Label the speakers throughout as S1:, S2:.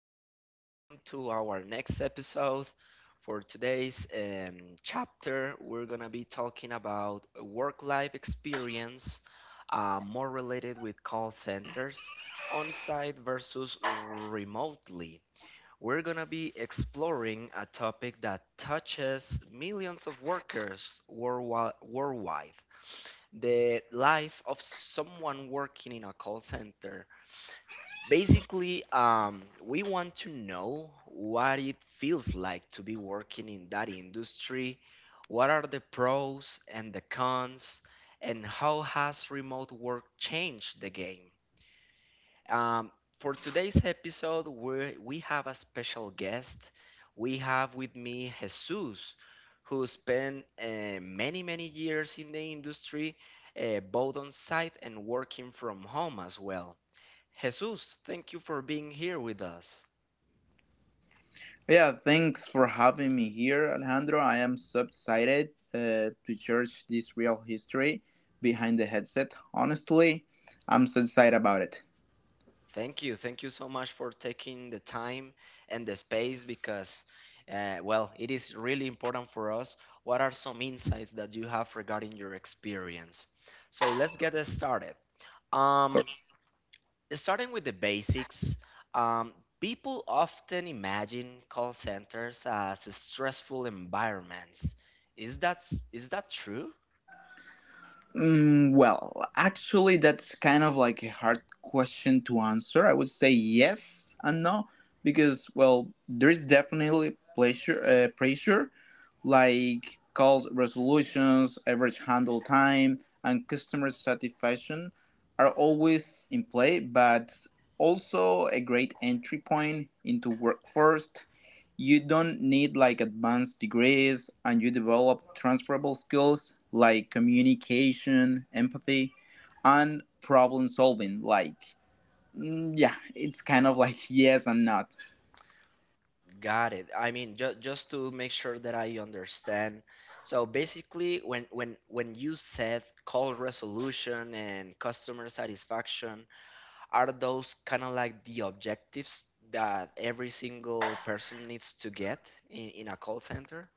S1: Welcome to our next episode. For today's chapter, we're going to be talking about work life experience, more related with call centers, on site versus remotely. We're going to be exploring a topic that touches millions of workers worldwide, the life of someone working in a call center. Basically, we want to know what it feels like to be working in that industry. What are the pros and the cons, and how has remote work changed the game? Um, for today's episode, we have a special guest. We have with me Jesus, who spent many, many years in the industry, both on site and working from home as well. Jesus, thank you for being here with us.
S2: Yeah, thanks for having me here, Alejandro. I am so excited to church this real history behind the headset. Honestly, I'm so excited about it.
S1: Thank you. Thank you so much for taking the time and the space because, well, it is really important for us. What are some insights that you have regarding your experience? So let's get us started. Um, Starting with the basics, um, people often imagine call centers as stressful environments. Is that, is that true?
S2: Well, actually, that's kind of like a hard question to answer. I would say yes and no because, well, there is definitely pressure like calls resolutions, average handle time, and customer satisfaction are always in play, but also a great entry point into workforce. You don't need like advanced degrees, and you develop transferable skills like communication empathy and problem solving like yeah, it's kind of like yes and not.
S1: Got it. I mean, ju just to make sure that I understand. So basically, when you said call resolution and customer satisfaction, are those kind of like the objectives that every single person needs to get in a call center?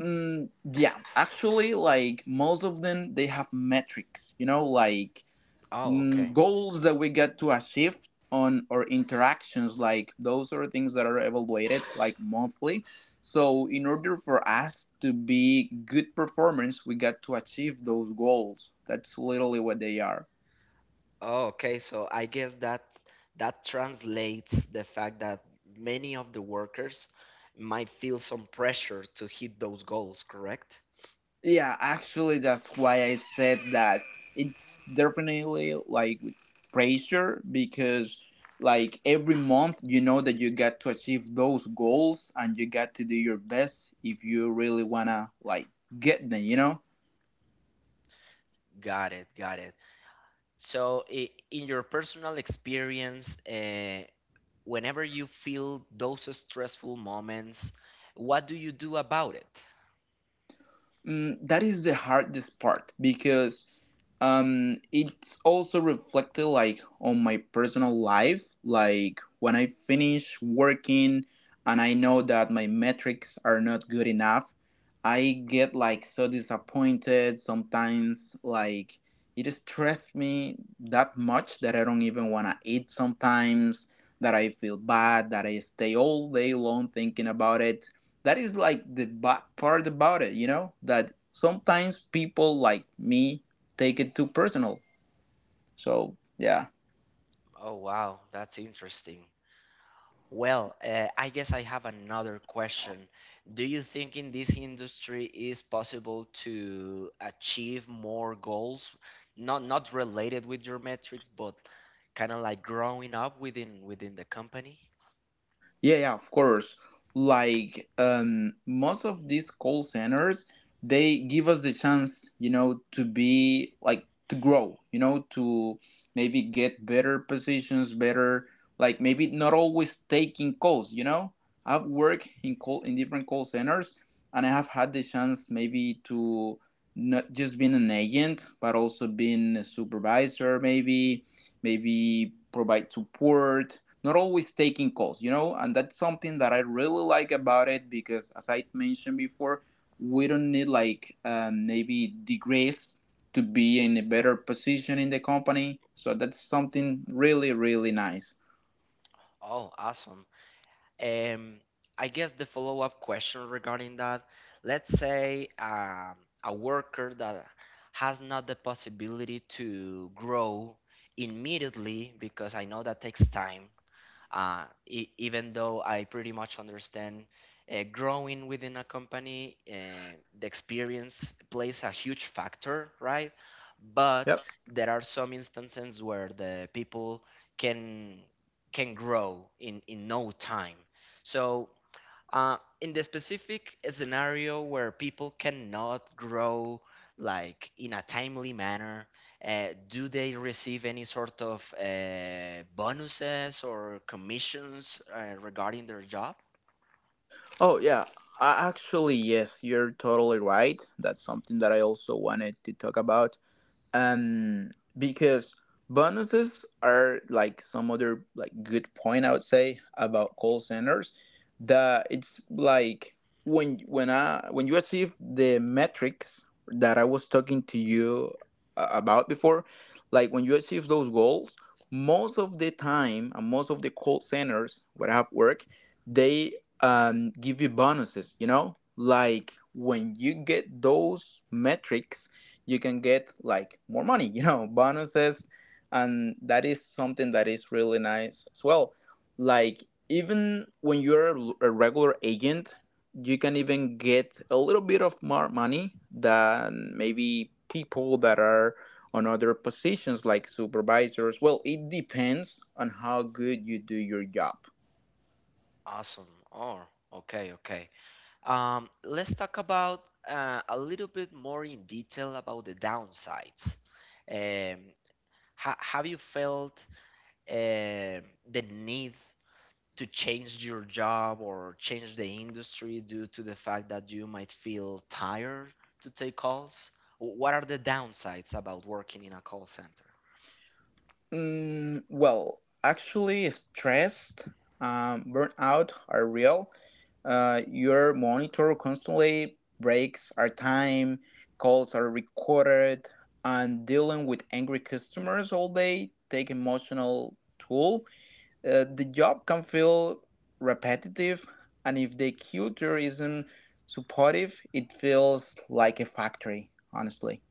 S2: mm, yeah, actually, like most of them they have metrics, like
S1: Oh, okay.
S2: goals that we get to achieve on our interactions. Like those are things that are evaluated like monthly, so in order for us to be good performance we got to achieve those goals. That's literally what they are.
S1: Oh, okay. So I guess that that translates the fact that many of the workers might feel some pressure to hit those goals, correct?
S2: Yeah, actually, that's why I said that it's definitely like with pressure because, like, every month you know that you got to achieve those goals, and you got to do your best if you really wanna like get them, you know?
S1: Got it, got it. So, in your personal experience, whenever you feel those stressful moments, what do you do about it?
S2: That is the hardest part because it's also reflected like on my personal life. Like when I finish working and I know that my metrics are not good enough, I get like so disappointed sometimes. Like it stresses me that much that I don't even want to eat sometimes, that I feel bad, that I stay all day long thinking about it. That is like the bad part about it, that sometimes people like me take it too personal. So yeah.
S1: Oh, wow, that's interesting. Well, I guess I have another question. Do you think in this industry is possible to achieve more goals, not related with your metrics, but kind of like growing up within the company?
S2: Yeah, yeah, of course. Like most of these call centers, they give us the chance, you know, to be like to grow, you know, to maybe get better positions, better, like maybe not always taking calls. I've worked in different call centers, and I have had the chance maybe to not just being an agent, but also being a supervisor, maybe provide support, not always taking calls, you know, and that's something that I really like about it because, as I mentioned before, we don't need like maybe degrees to be in a better position in the company. So that's something really, really nice.
S1: Oh, awesome. Um, I guess the follow-up question regarding that, let's say a worker that has not the possibility to grow immediately because I know that takes time. Even though I pretty much understand growing within a company, the experience plays a huge factor, right? But
S2: Yep.
S1: there are some instances where the people can can grow in no time. So in the specific scenario where people cannot grow like in a timely manner, do they receive any sort of bonuses or commissions regarding their job?
S2: Oh, yeah. Actually, yes, you're totally right. That's something that I also wanted to talk about. um because bonuses are like some other like good point I would say about call centers, that it's like when you achieve the metrics that I was talking to you about before. Like when you achieve those goals, most of the time and most of the call centers where I have work, they give you bonuses, like when you get those metrics, you can get like more money, bonuses. And that is something that is really nice as well. Like, even when you're a regular agent, you can even get a little bit of more money than maybe people that are on other positions like supervisors. Well, it depends on how good you do your job.
S1: Awesome. Oh, okay, okay. Let's talk about a little bit more in detail about the downsides. um, have you felt um the need to change your job or change the industry due to the fact that you might feel tired to take calls? What are the downsides about working in a call center?
S2: Well, actually, stress, burnout are real. Your monitor constantly breaks are time, calls are recorded, and dealing with angry customers all day take emotional toll. The job can feel repetitive, and if the culture isn't supportive, it feels like a factory, honestly.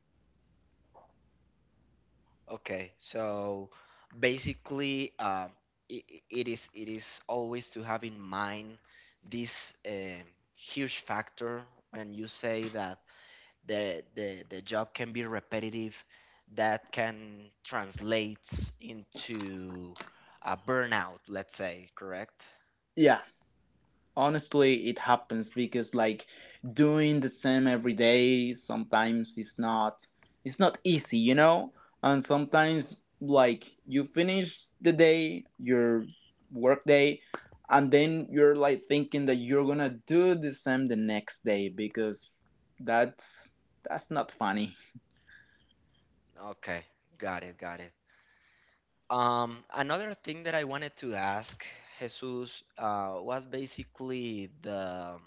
S1: Okay, so basically, uh, it is always to have in mind this huge factor when you say that the job can be repetitive, that can translate into a burnout, let's say, correct?
S2: Yeah, honestly it happens because like doing the same every day sometimes it's not easy, and sometimes like you finish the day, your work day, and then you're like thinking that you're gonna do the same the next day because that's that's not funny.
S1: Okay, got it, got it. Another thing that I wanted to ask, Jesus, was basically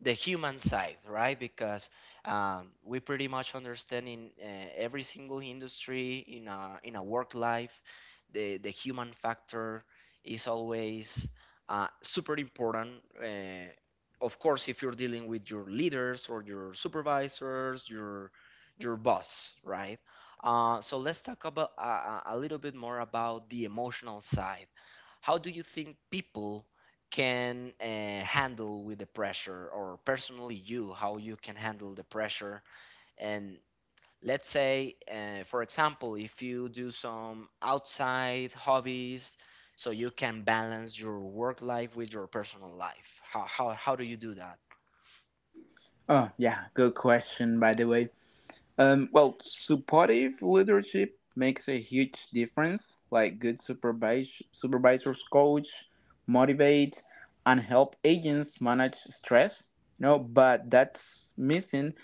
S1: the human side, right? Because we pretty much understand in every single industry in a work life, the human factor is always super important. Uh, of course, if you're dealing with your leaders or your supervisors, your boss, right? So let's talk about a little bit more about the emotional side. How do you think people can handle with the pressure, or personally, you, how you can handle the pressure, and let's say, for example, if you do some outside hobbies so you can balance your work life with your personal life, how do you do that?
S2: Oh yeah, good question by the way. Well, supportive leadership makes a huge difference. Like good supervisors coach, motivate, and help agents manage stress. But that's missing.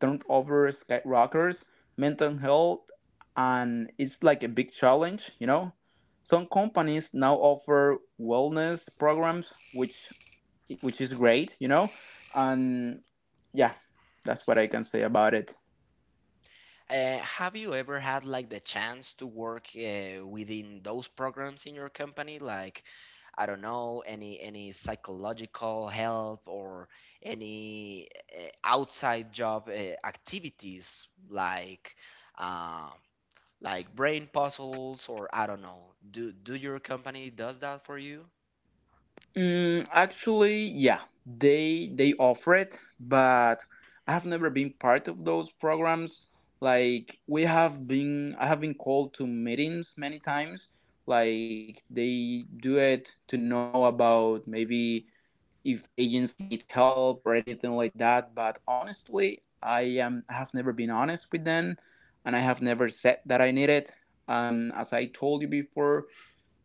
S2: Turnover skyrockets, mental health, and it's like a big challenge. Some companies now offer wellness programs, which is great. And yeah, that's what I can say about it.
S1: Have you ever had like the chance to work within those programs in your company? Like, I don't know, any psychological help or any outside job activities uh, like brain puzzles, or I don't know. Do your company does that for you?
S2: Actually, yeah, they offer it, but I have never been part of those programs. Like I have been called to meetings many times. Like they do it to know about maybe if agents need help or anything like that. But honestly, I have never been honest with them, and I have never said that I need it. As I told you before,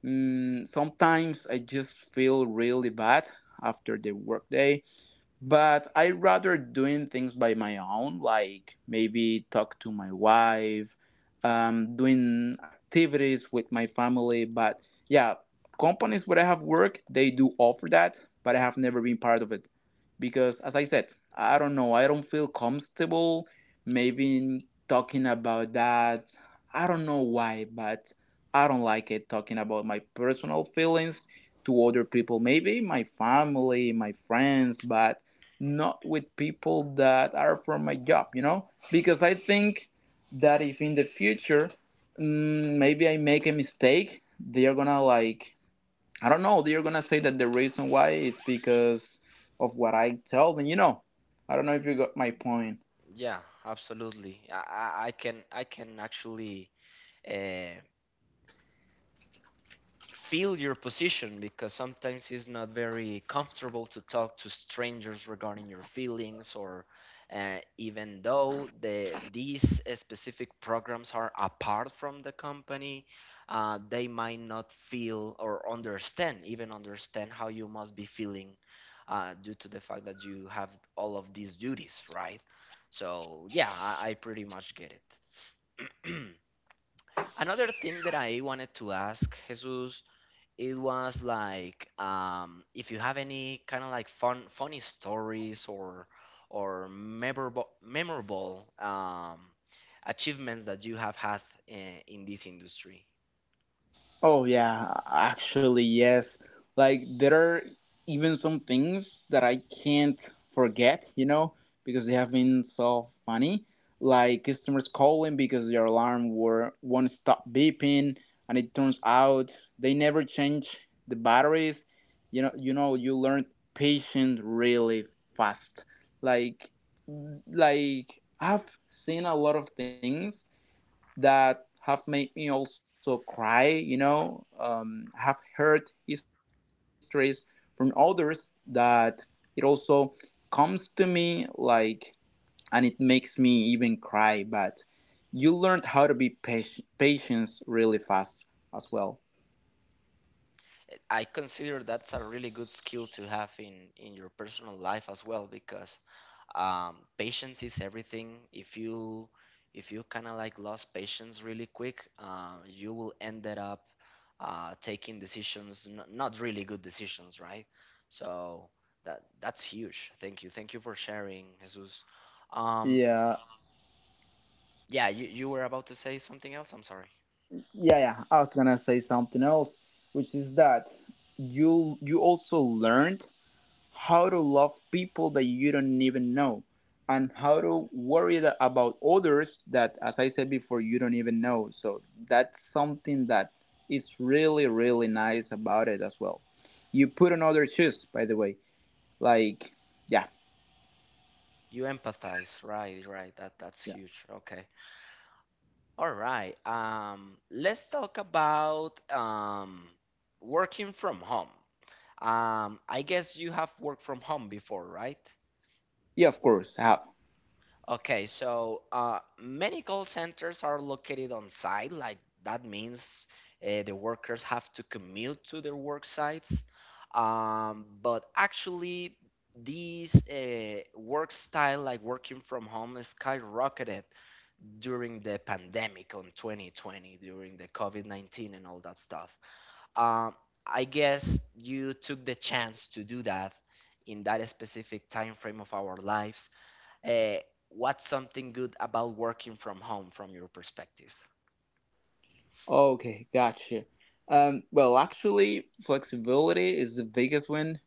S2: Sometimes I just feel really bad after the workday, but I rather doing things by my own, like maybe talk to my wife, doing activities with my family. But yeah, companies where I have worked, they do offer that, but I have never been part of it because, as I said, I don't know, I don't feel comfortable maybe talking about that. I don't know why, but I don't like it talking about my personal feelings to other people, maybe my family, my friends, but not with people that are from my job, you know? Because I think that if in the future maybe I make a mistake, they're gonna like, I don't know, they're gonna say that the reason why is because of what I tell them, you know? I don't know if you got my point.
S1: Yeah, absolutely. I can actually. Uh, Feel your position because sometimes it's not very comfortable to talk to strangers regarding your feelings, or even though these specific programs are apart from the company, they might not feel or understand even understand how you must be feeling, due to the fact that you have all of these duties, right? So yeah, I pretty much get it. Another thing that I wanted to ask, Jesus, it was like if you have any kind of like funny stories or memorable achievements that you have had in this industry.
S2: Oh yeah, actually yes. Like there are even some things that I can't forget, because they have been so funny. Like customers calling because their alarm were won't stop beeping, and it turns out they never change the batteries. You learn patience really fast. Like, I've seen a lot of things that have made me also cry. I have heard histories from others that it also comes to me like, and it makes me even cry. But you learned how to be patience really fast as well.
S1: Eh, I consider that's a really good skill to have in your personal life as well because patience is everything. If you if you kind of like lost patience really quick, you will ended up taking decisions, not really good decisions, right? So that that's huge. Thank you, thank you for sharing, Jesus. um,
S2: Yeah,
S1: yeah, you were about to say something else. I'm sorry.
S2: yeah, yeah. I was gonna say something else, which is that you also learned how to love people that you don't even know and how to worry about others that, as I said before, you don't even know. So that's something that is really really nice about it as well. You put on other shoes, by the way. Like yeah.
S1: You empathize, right? Right, that that's
S2: Yeah,
S1: huge. Okay. All right, let's talk about working from home. I guess you have worked from home before, right?
S2: yeah, of course I have.
S1: Okay, so many call centers are located on site. Like, that means the workers have to commute to their work sites. But actually, these work style, like working from home, skyrocketed during the pandemic on 2020, during the COVID-19 and all that stuff. Um, I guess you took the chance to do that in that specific time frame of our lives. Uh, what's something good about working from home from your perspective?
S2: Okay, gotcha. Well, actually flexibility is the biggest one.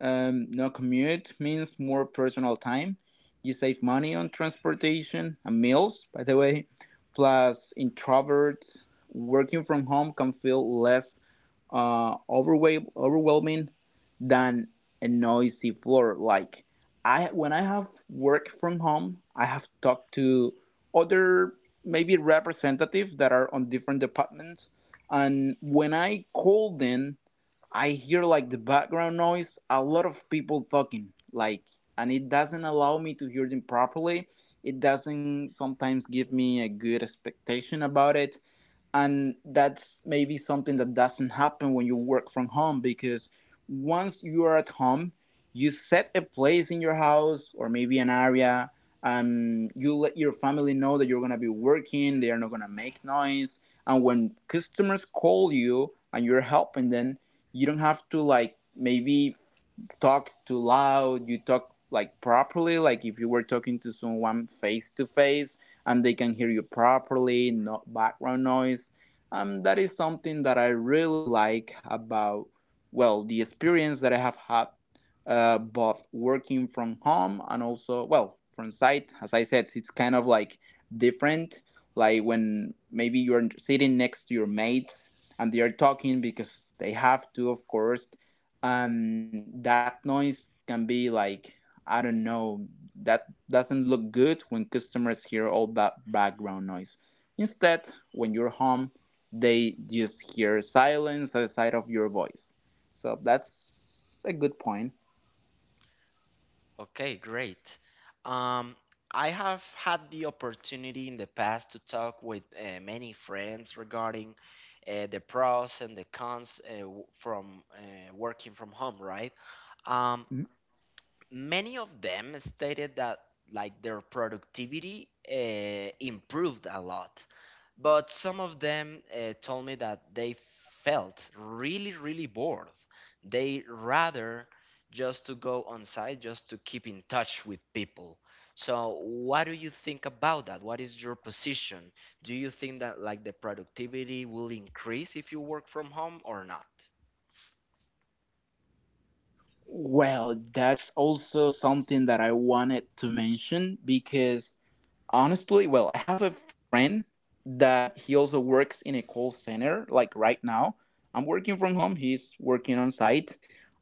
S2: No commute means more personal time. You save money on transportation and meals, by the way. Plus, introverts working from home can feel less overwhelming than a noisy floor. Like when I have worked from home, I have talked to other maybe representatives that are on different departments, and when I call them I hear like the background noise, a lot of people talking, like, and it doesn't allow me to hear them properly. It doesn't sometimes give me a good expectation about it, and that's maybe something that doesn't happen when you work from home because once you are at home, you set a place in your house or maybe an area, and you let your family know that you're going to be working, they are not going to make noise. And when customers call you and you're helping them, you don't have to like maybe talk too loud. You talk like properly, like if you were talking to someone face to face, and they can hear you properly, no background noise. That is something that I really like about, well, the experience that I have had both working from home and also, well, from site. As I said, it's kind of like different. Like when maybe you're sitting next to your mates and they are talking because they have to, of course, that noise can be like, I don't know, that doesn't look good when customers hear all that background noise. Instead, when you're home they just hear silence aside of your voice. So that's a good point.
S1: Okay, great. Um, I have had the opportunity in the past to talk with many friends regarding the pros and the cons from working from home, right? Um,
S2: Mhm.
S1: Many of them stated that like their productivity improved a lot, but some of them told me that they felt really really bored. They rather just to go on site just to keep in touch with people. So what do you think about that? What is your position? Do you think that like the productivity will increase if you work from home or not?
S2: Well, that's also something that I wanted to mention because, honestly, well, I have a friend that he also works in a call center, like right now. I'm working from home, he's working on site,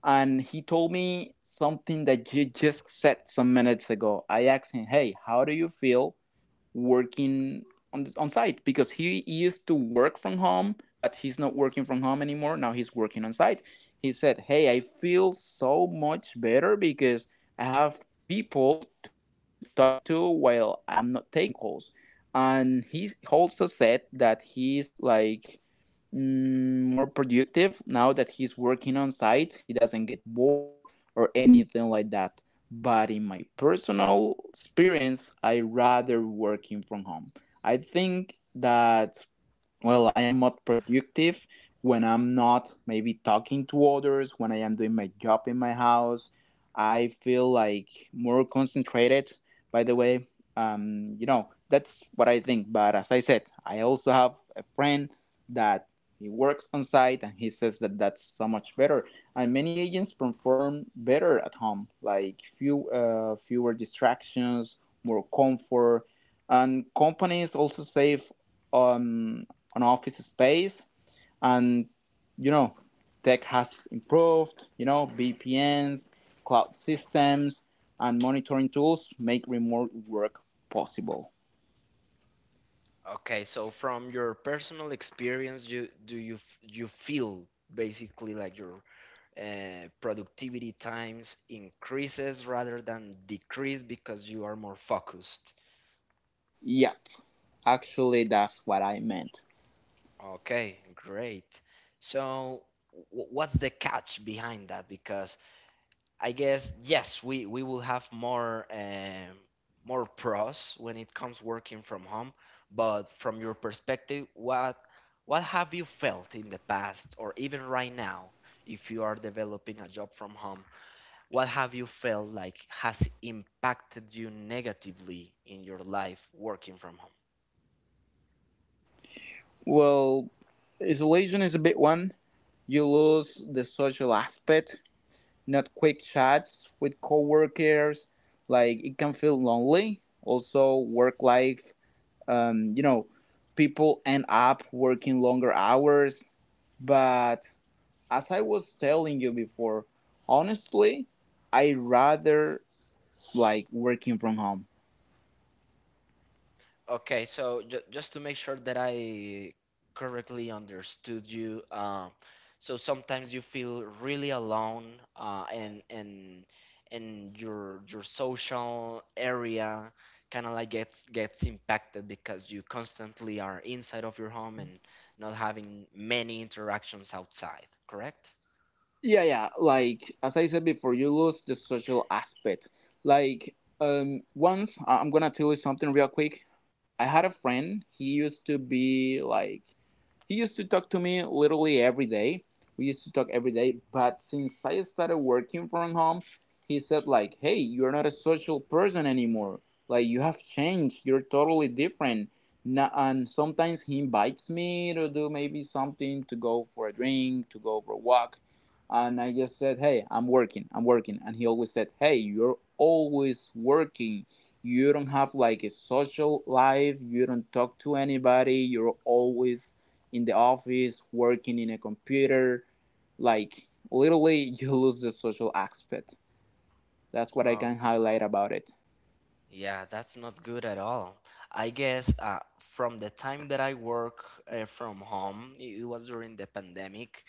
S2: and he told me something that you just said some minutes ago. I asked him, "Hey, how do you feel working on site?" Because he used to work from home, but he's not working from home anymore. Now he's working on site. He said, "Hey, I feel so much better because I have people to talk to while I'm not taking calls." And he also said that he's like more productive now that he's working on site. He doesn't get bored or anything like that, but in my personal experience, I rather working from home. I think that, well, I am not productive when I'm not maybe talking to others, when I am doing my job in my house. I feel like more concentrated. By the way, you know, that's what I think. But as I said, I also have a friend that he works on site, and he says that that's so much better, and many agents perform better at home, like few fewer distractions, more comfort, and companies also save on on office space, and you know, tech has improved, you know, VPNs, cloud systems, and monitoring tools make remote work possible.
S1: Okay, so from your personal experience, you do you you feel basically like your productivity times increases rather than decrease because you are more focused.
S2: Yep, actually that's what I meant.
S1: Okay, great. So what's the catch behind that? Because I guess yes, we will have more more pros when it comes working from home. But from your perspective, what have you felt in the past or even right now, if you are developing a job from home, what have you felt like has impacted you negatively in your life working from home?
S2: Well, isolation is a big one. You lose the social aspect, not quick chats with coworkers. Like, it can feel lonely. Also, work life. You know, people end up working longer hours. But as I was telling you before, honestly, I rather like working from home.
S1: Okay, so ju just to make sure that I correctly understood you, so sometimes you feel really alone, and and your social area kind of like gets gets impacted because you constantly are inside of your home and not having many interactions outside, correct?
S2: Yeah, yeah. Like as I said before, you lose the social aspect. Like, once I'm gonna tell you something real quick. I had a friend. He used to be like he used to talk to me literally every day. We used to talk every day, but since I started working from home, he said like, "Hey, you're not a social person anymore. Like, you have changed. You're totally different." And sometimes he invites me to do maybe something, to go for a drink, to go for a walk, and I just said, "Hey, I'm working. I'm working." And he always said, "Hey, you're always working. You don't have like a social life. You don't talk to anybody. You're always in the office, working in a computer. Like, literally," you lose the social aspect. That's what I can highlight about it.
S1: Yeah, that's not good at all. I guess from the time that I work from home, it was during the pandemic,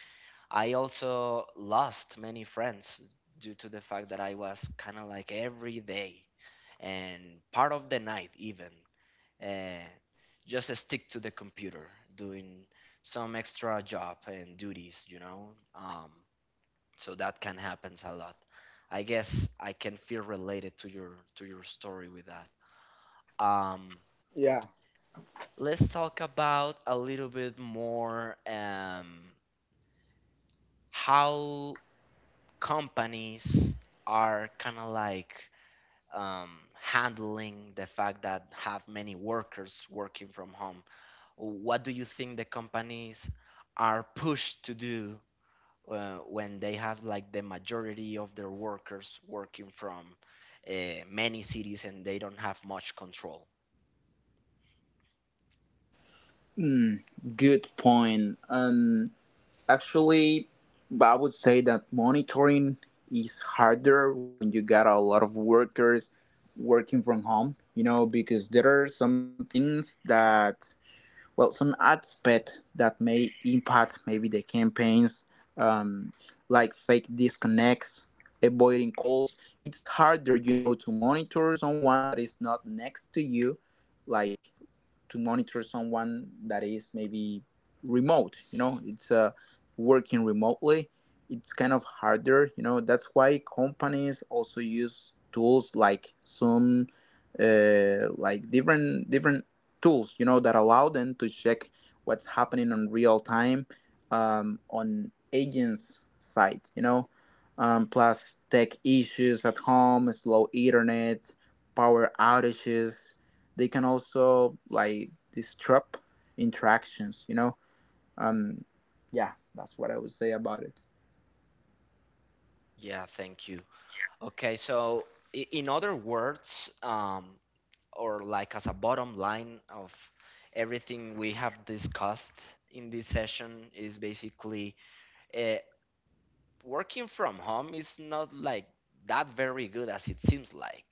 S1: I also lost many friends due to the fact that I was kind of like every day and part of the night even, uh, just stick to the computer doing some extra job and duties, you know? Um, so that can happens a lot. I guess I can feel related to your story with that. Um, let's talk about a little bit more how companies are kind of like um, handling the fact that have many workers working from home. What do you think the companies are pushed to do when they have like the majority of their workers working from many cities and they don't have much control?
S2: Hmm, good point. Actually, I would say that monitoring is harder when you got a lot of workers working from home, you know, because there are some things that, well, some aspect that may impact maybe the campaigns, um, like fake disconnects, avoiding calls. It's harder, you know, to monitor someone that is not next to you, like to monitor someone that is maybe remote, you know. It's working remotely, it's kind of harder, you know. That's why companies also use tools like Zoom, like different tools, you know, that allow them to check what's happening on real time, on agents side, you know.
S1: Mhm.
S2: Plus tech issues at home, slow internet, power outages, they can also like disrupt interactions, you know. Um, yeah, that's what I would say about it.
S1: Yeah, thank you. Okay, so in other words, or like as a bottom line of everything we have discussed in this session, is basically uh, working from home is not like that very good as it seems like.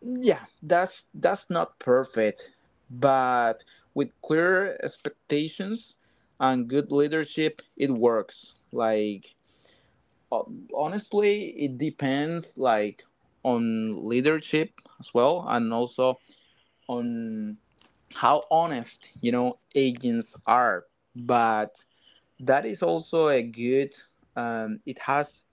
S2: Yeah, that's not perfect, but with clear expectations and good leadership it works. Like, ho- honestly, it depends, like on leadership as well, and also on how honest, you know, agents are. But that is also a good, it has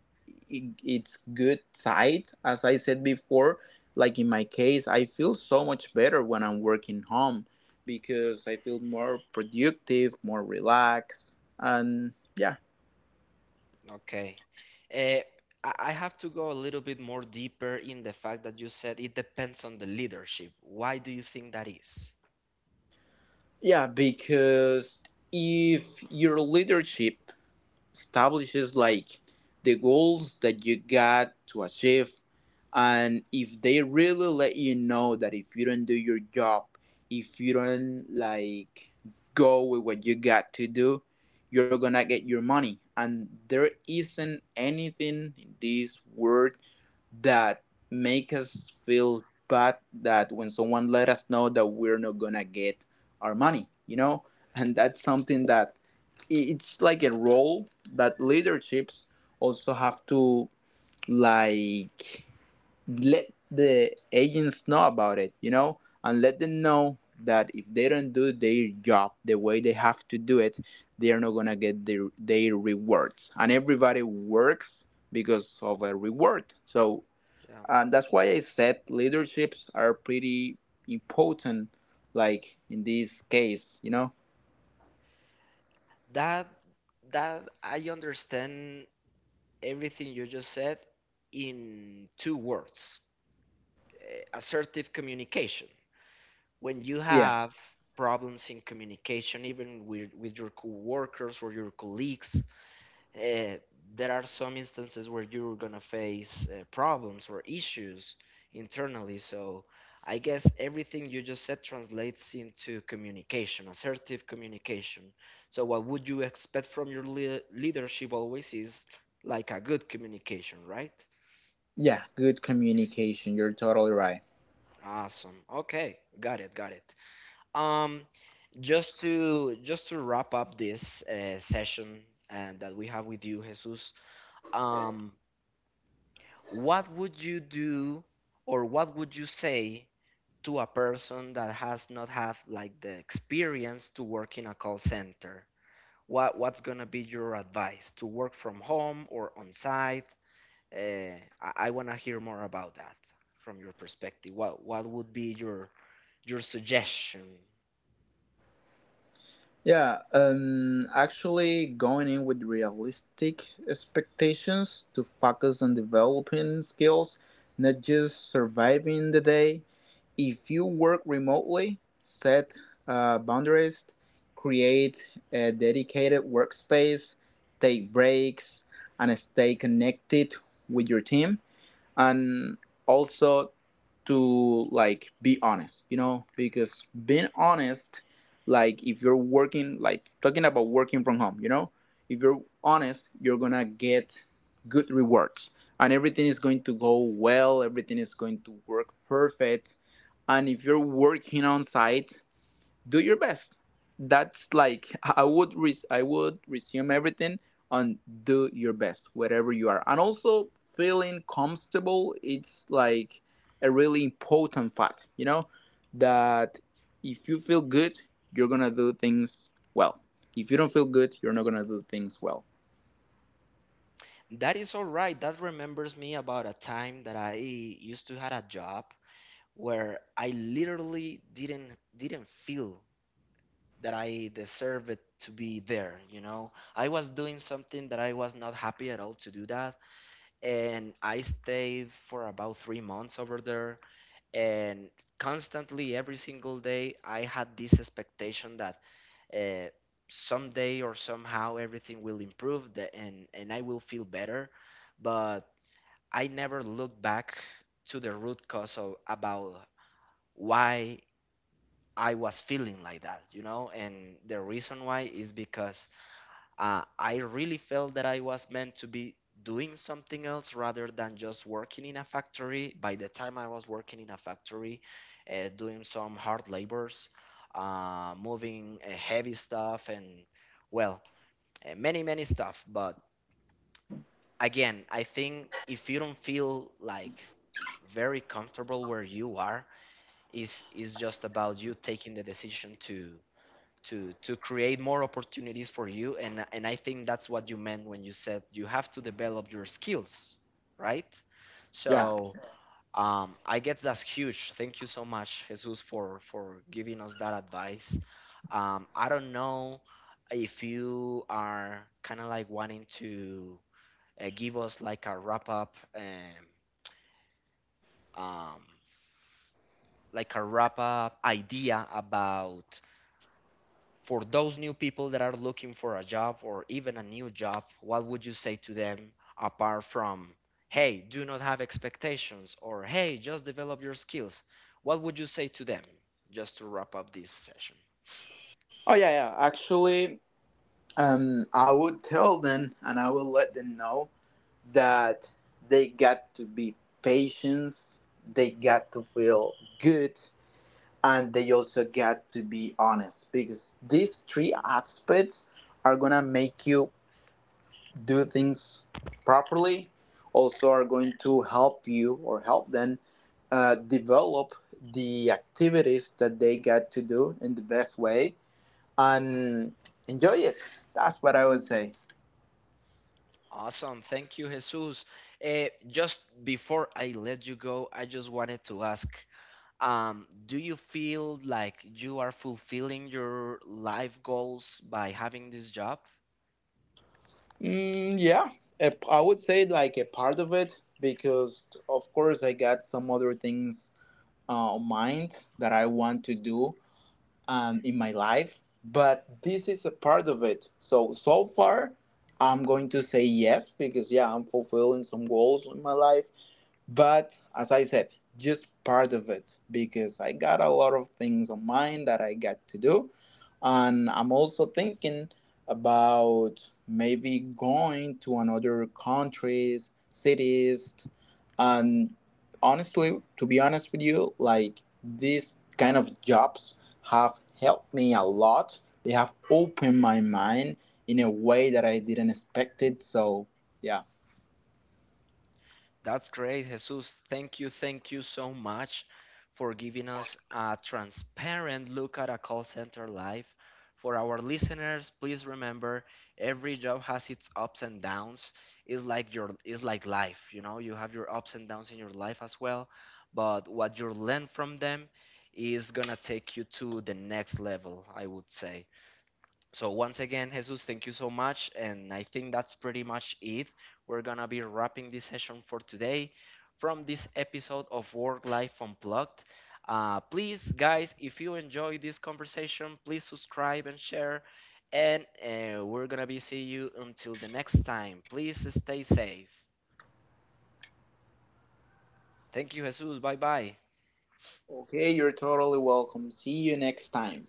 S2: its good side, as I said before. Like in my case, I feel so much better when I'm working home, because I feel more productive, more relaxed, and yeah.
S1: Okay. Uh, I have to go a little bit more deeper in the fact that you said it depends on the leadership. Why do you think that is?
S2: Yeah, because if your leadership establishes like the goals that you got to achieve, and if they really let you know that if you don't do your job, if you don't like go with what you got to do, you're not gonna get your money. And there isn't anything in this world that make us feel bad that when someone let us know that we're not gonna get our money, you know. And that's something that it's like a role that leaderships also have to, like, let the agents know about it, you know, and let them know that if they don't do their job the way they have to do it, they're not gonna get their rewards. And everybody works because of a reward, so.
S1: Yeah.
S2: And that's why I said leaderships are pretty important, like in this case, you know.
S1: That that I understand everything you just said in two words, eh, assertive communication. When you
S2: Yeah.
S1: have problems in communication, even with your coworkers or your colleagues, uh, there are some instances where you're going to face problems or issues internally. So I guess everything you just said translates into communication, assertive communication. So, what would you expect from your leadership always is like a good communication, right?
S2: Yeah, good communication. You're totally right.
S1: Awesome. Okay, got it, got it. Um, just to wrap up this session that we have with you, Jesus. Um, what would you do, or what would you say to a person that has not had like the experience to work in a call center? What's gonna be your advice to work from home or on site? I want to hear more about that from your perspective. What would be your suggestion?
S2: Yeah, actually, going in with realistic expectations, to focus on developing skills, not just surviving the day. If you work remotely, set boundaries, create a dedicated workspace, take breaks, and stay connected with your team. And also, to like be honest, you know, because being honest, like if you're working, like talking about working from home, you know, if you're honest, you're gonna get good rewards, and everything is going to go well, everything is going to work perfect. And if you're working on site, do your best. That's like I would I would resume everything on do your best wherever you are, and also feeling comfortable. It's like a really important fact, you know, that if you feel good, you're gonna do things well. If you don't feel good, you're not gonna do things well.
S1: That is all right. That remembers me about a time that I used to had a job where I literally didn't feel that I deserved to be there, you know. I was doing something that I was not happy at all to do that, and I stayed for about 3 months over there and constantly every single day I had this expectation that uh, someday or somehow everything will improve the, and I will feel better but I never looked back to the root cause of about why I was feeling like that, you know. And the reason why is because I really felt that I was meant to be doing something else rather than just working in a factory. By the time I was working in a factory, doing some hard labors, moving heavy stuff, and well, many, many stuff. But again, I think if you don't feel like very comfortable where you are, is just about you taking the decision to to create more opportunities for you, and I think that's what you meant when you said you have to develop your skills, right?
S2: Yeah.
S1: So I guess that's huge. Thank you so much, Jesus, for giving us that advice. I don't know if you are kind of like wanting to give us like a wrap up, um, like a wrap up idea about for those new people that are looking for a job or even a new job. What would you say to them apart from, hey, do not have expectations, or hey, just develop your skills? What would you say to them just to wrap up this session?
S2: Oh yeah, yeah. Actually, I would tell them, and I will let them know that they got to be patient, they got to feel good, and they also got to be honest, because these three aspects are gonna make you do things properly, also are going to help you or help them develop the activities that they got to do in the best way and enjoy it. That's what I would say.
S1: Awesome. Thank you, Jesus. Just before I let you go, I just wanted to ask, do you feel like you are fulfilling your life goals by having this job?
S2: Mm, yeah, I would say like a part of it, because of course I got some other things on mind that I want to do in my life, but this is a part of it. So so far, I'm going to say yes, because yeah, I'm fulfilling some goals in my life. But as I said, just part of it, because I got a lot of things on mind that I got to do. And I'm also thinking about maybe going to another countries, cities, and honestly, to be honest with you, like these kind of jobs have helped me a lot. They have opened my mind in a way that I didn't expect it. So yeah.
S1: That's great, Jesus. Thank you so much for giving us a transparent look at a call center life. For our listeners, please remember every job has its ups and downs. It's like your it's like life, you know. You have your ups and downs in your life as well, but what you learn from them is gonna take you to the next level, I would say. So once again, Jesus, thank you so much. And I think that's pretty much it. We're gonna be wrapping this session for today from this episode of Work Life Unplugged. Please, guys, if you enjoy this conversation, please subscribe and share. And we're gonna be see you until the next time. Please stay safe. Thank you, Jesus. Bye bye.
S2: Okay, you're totally welcome. See you next time.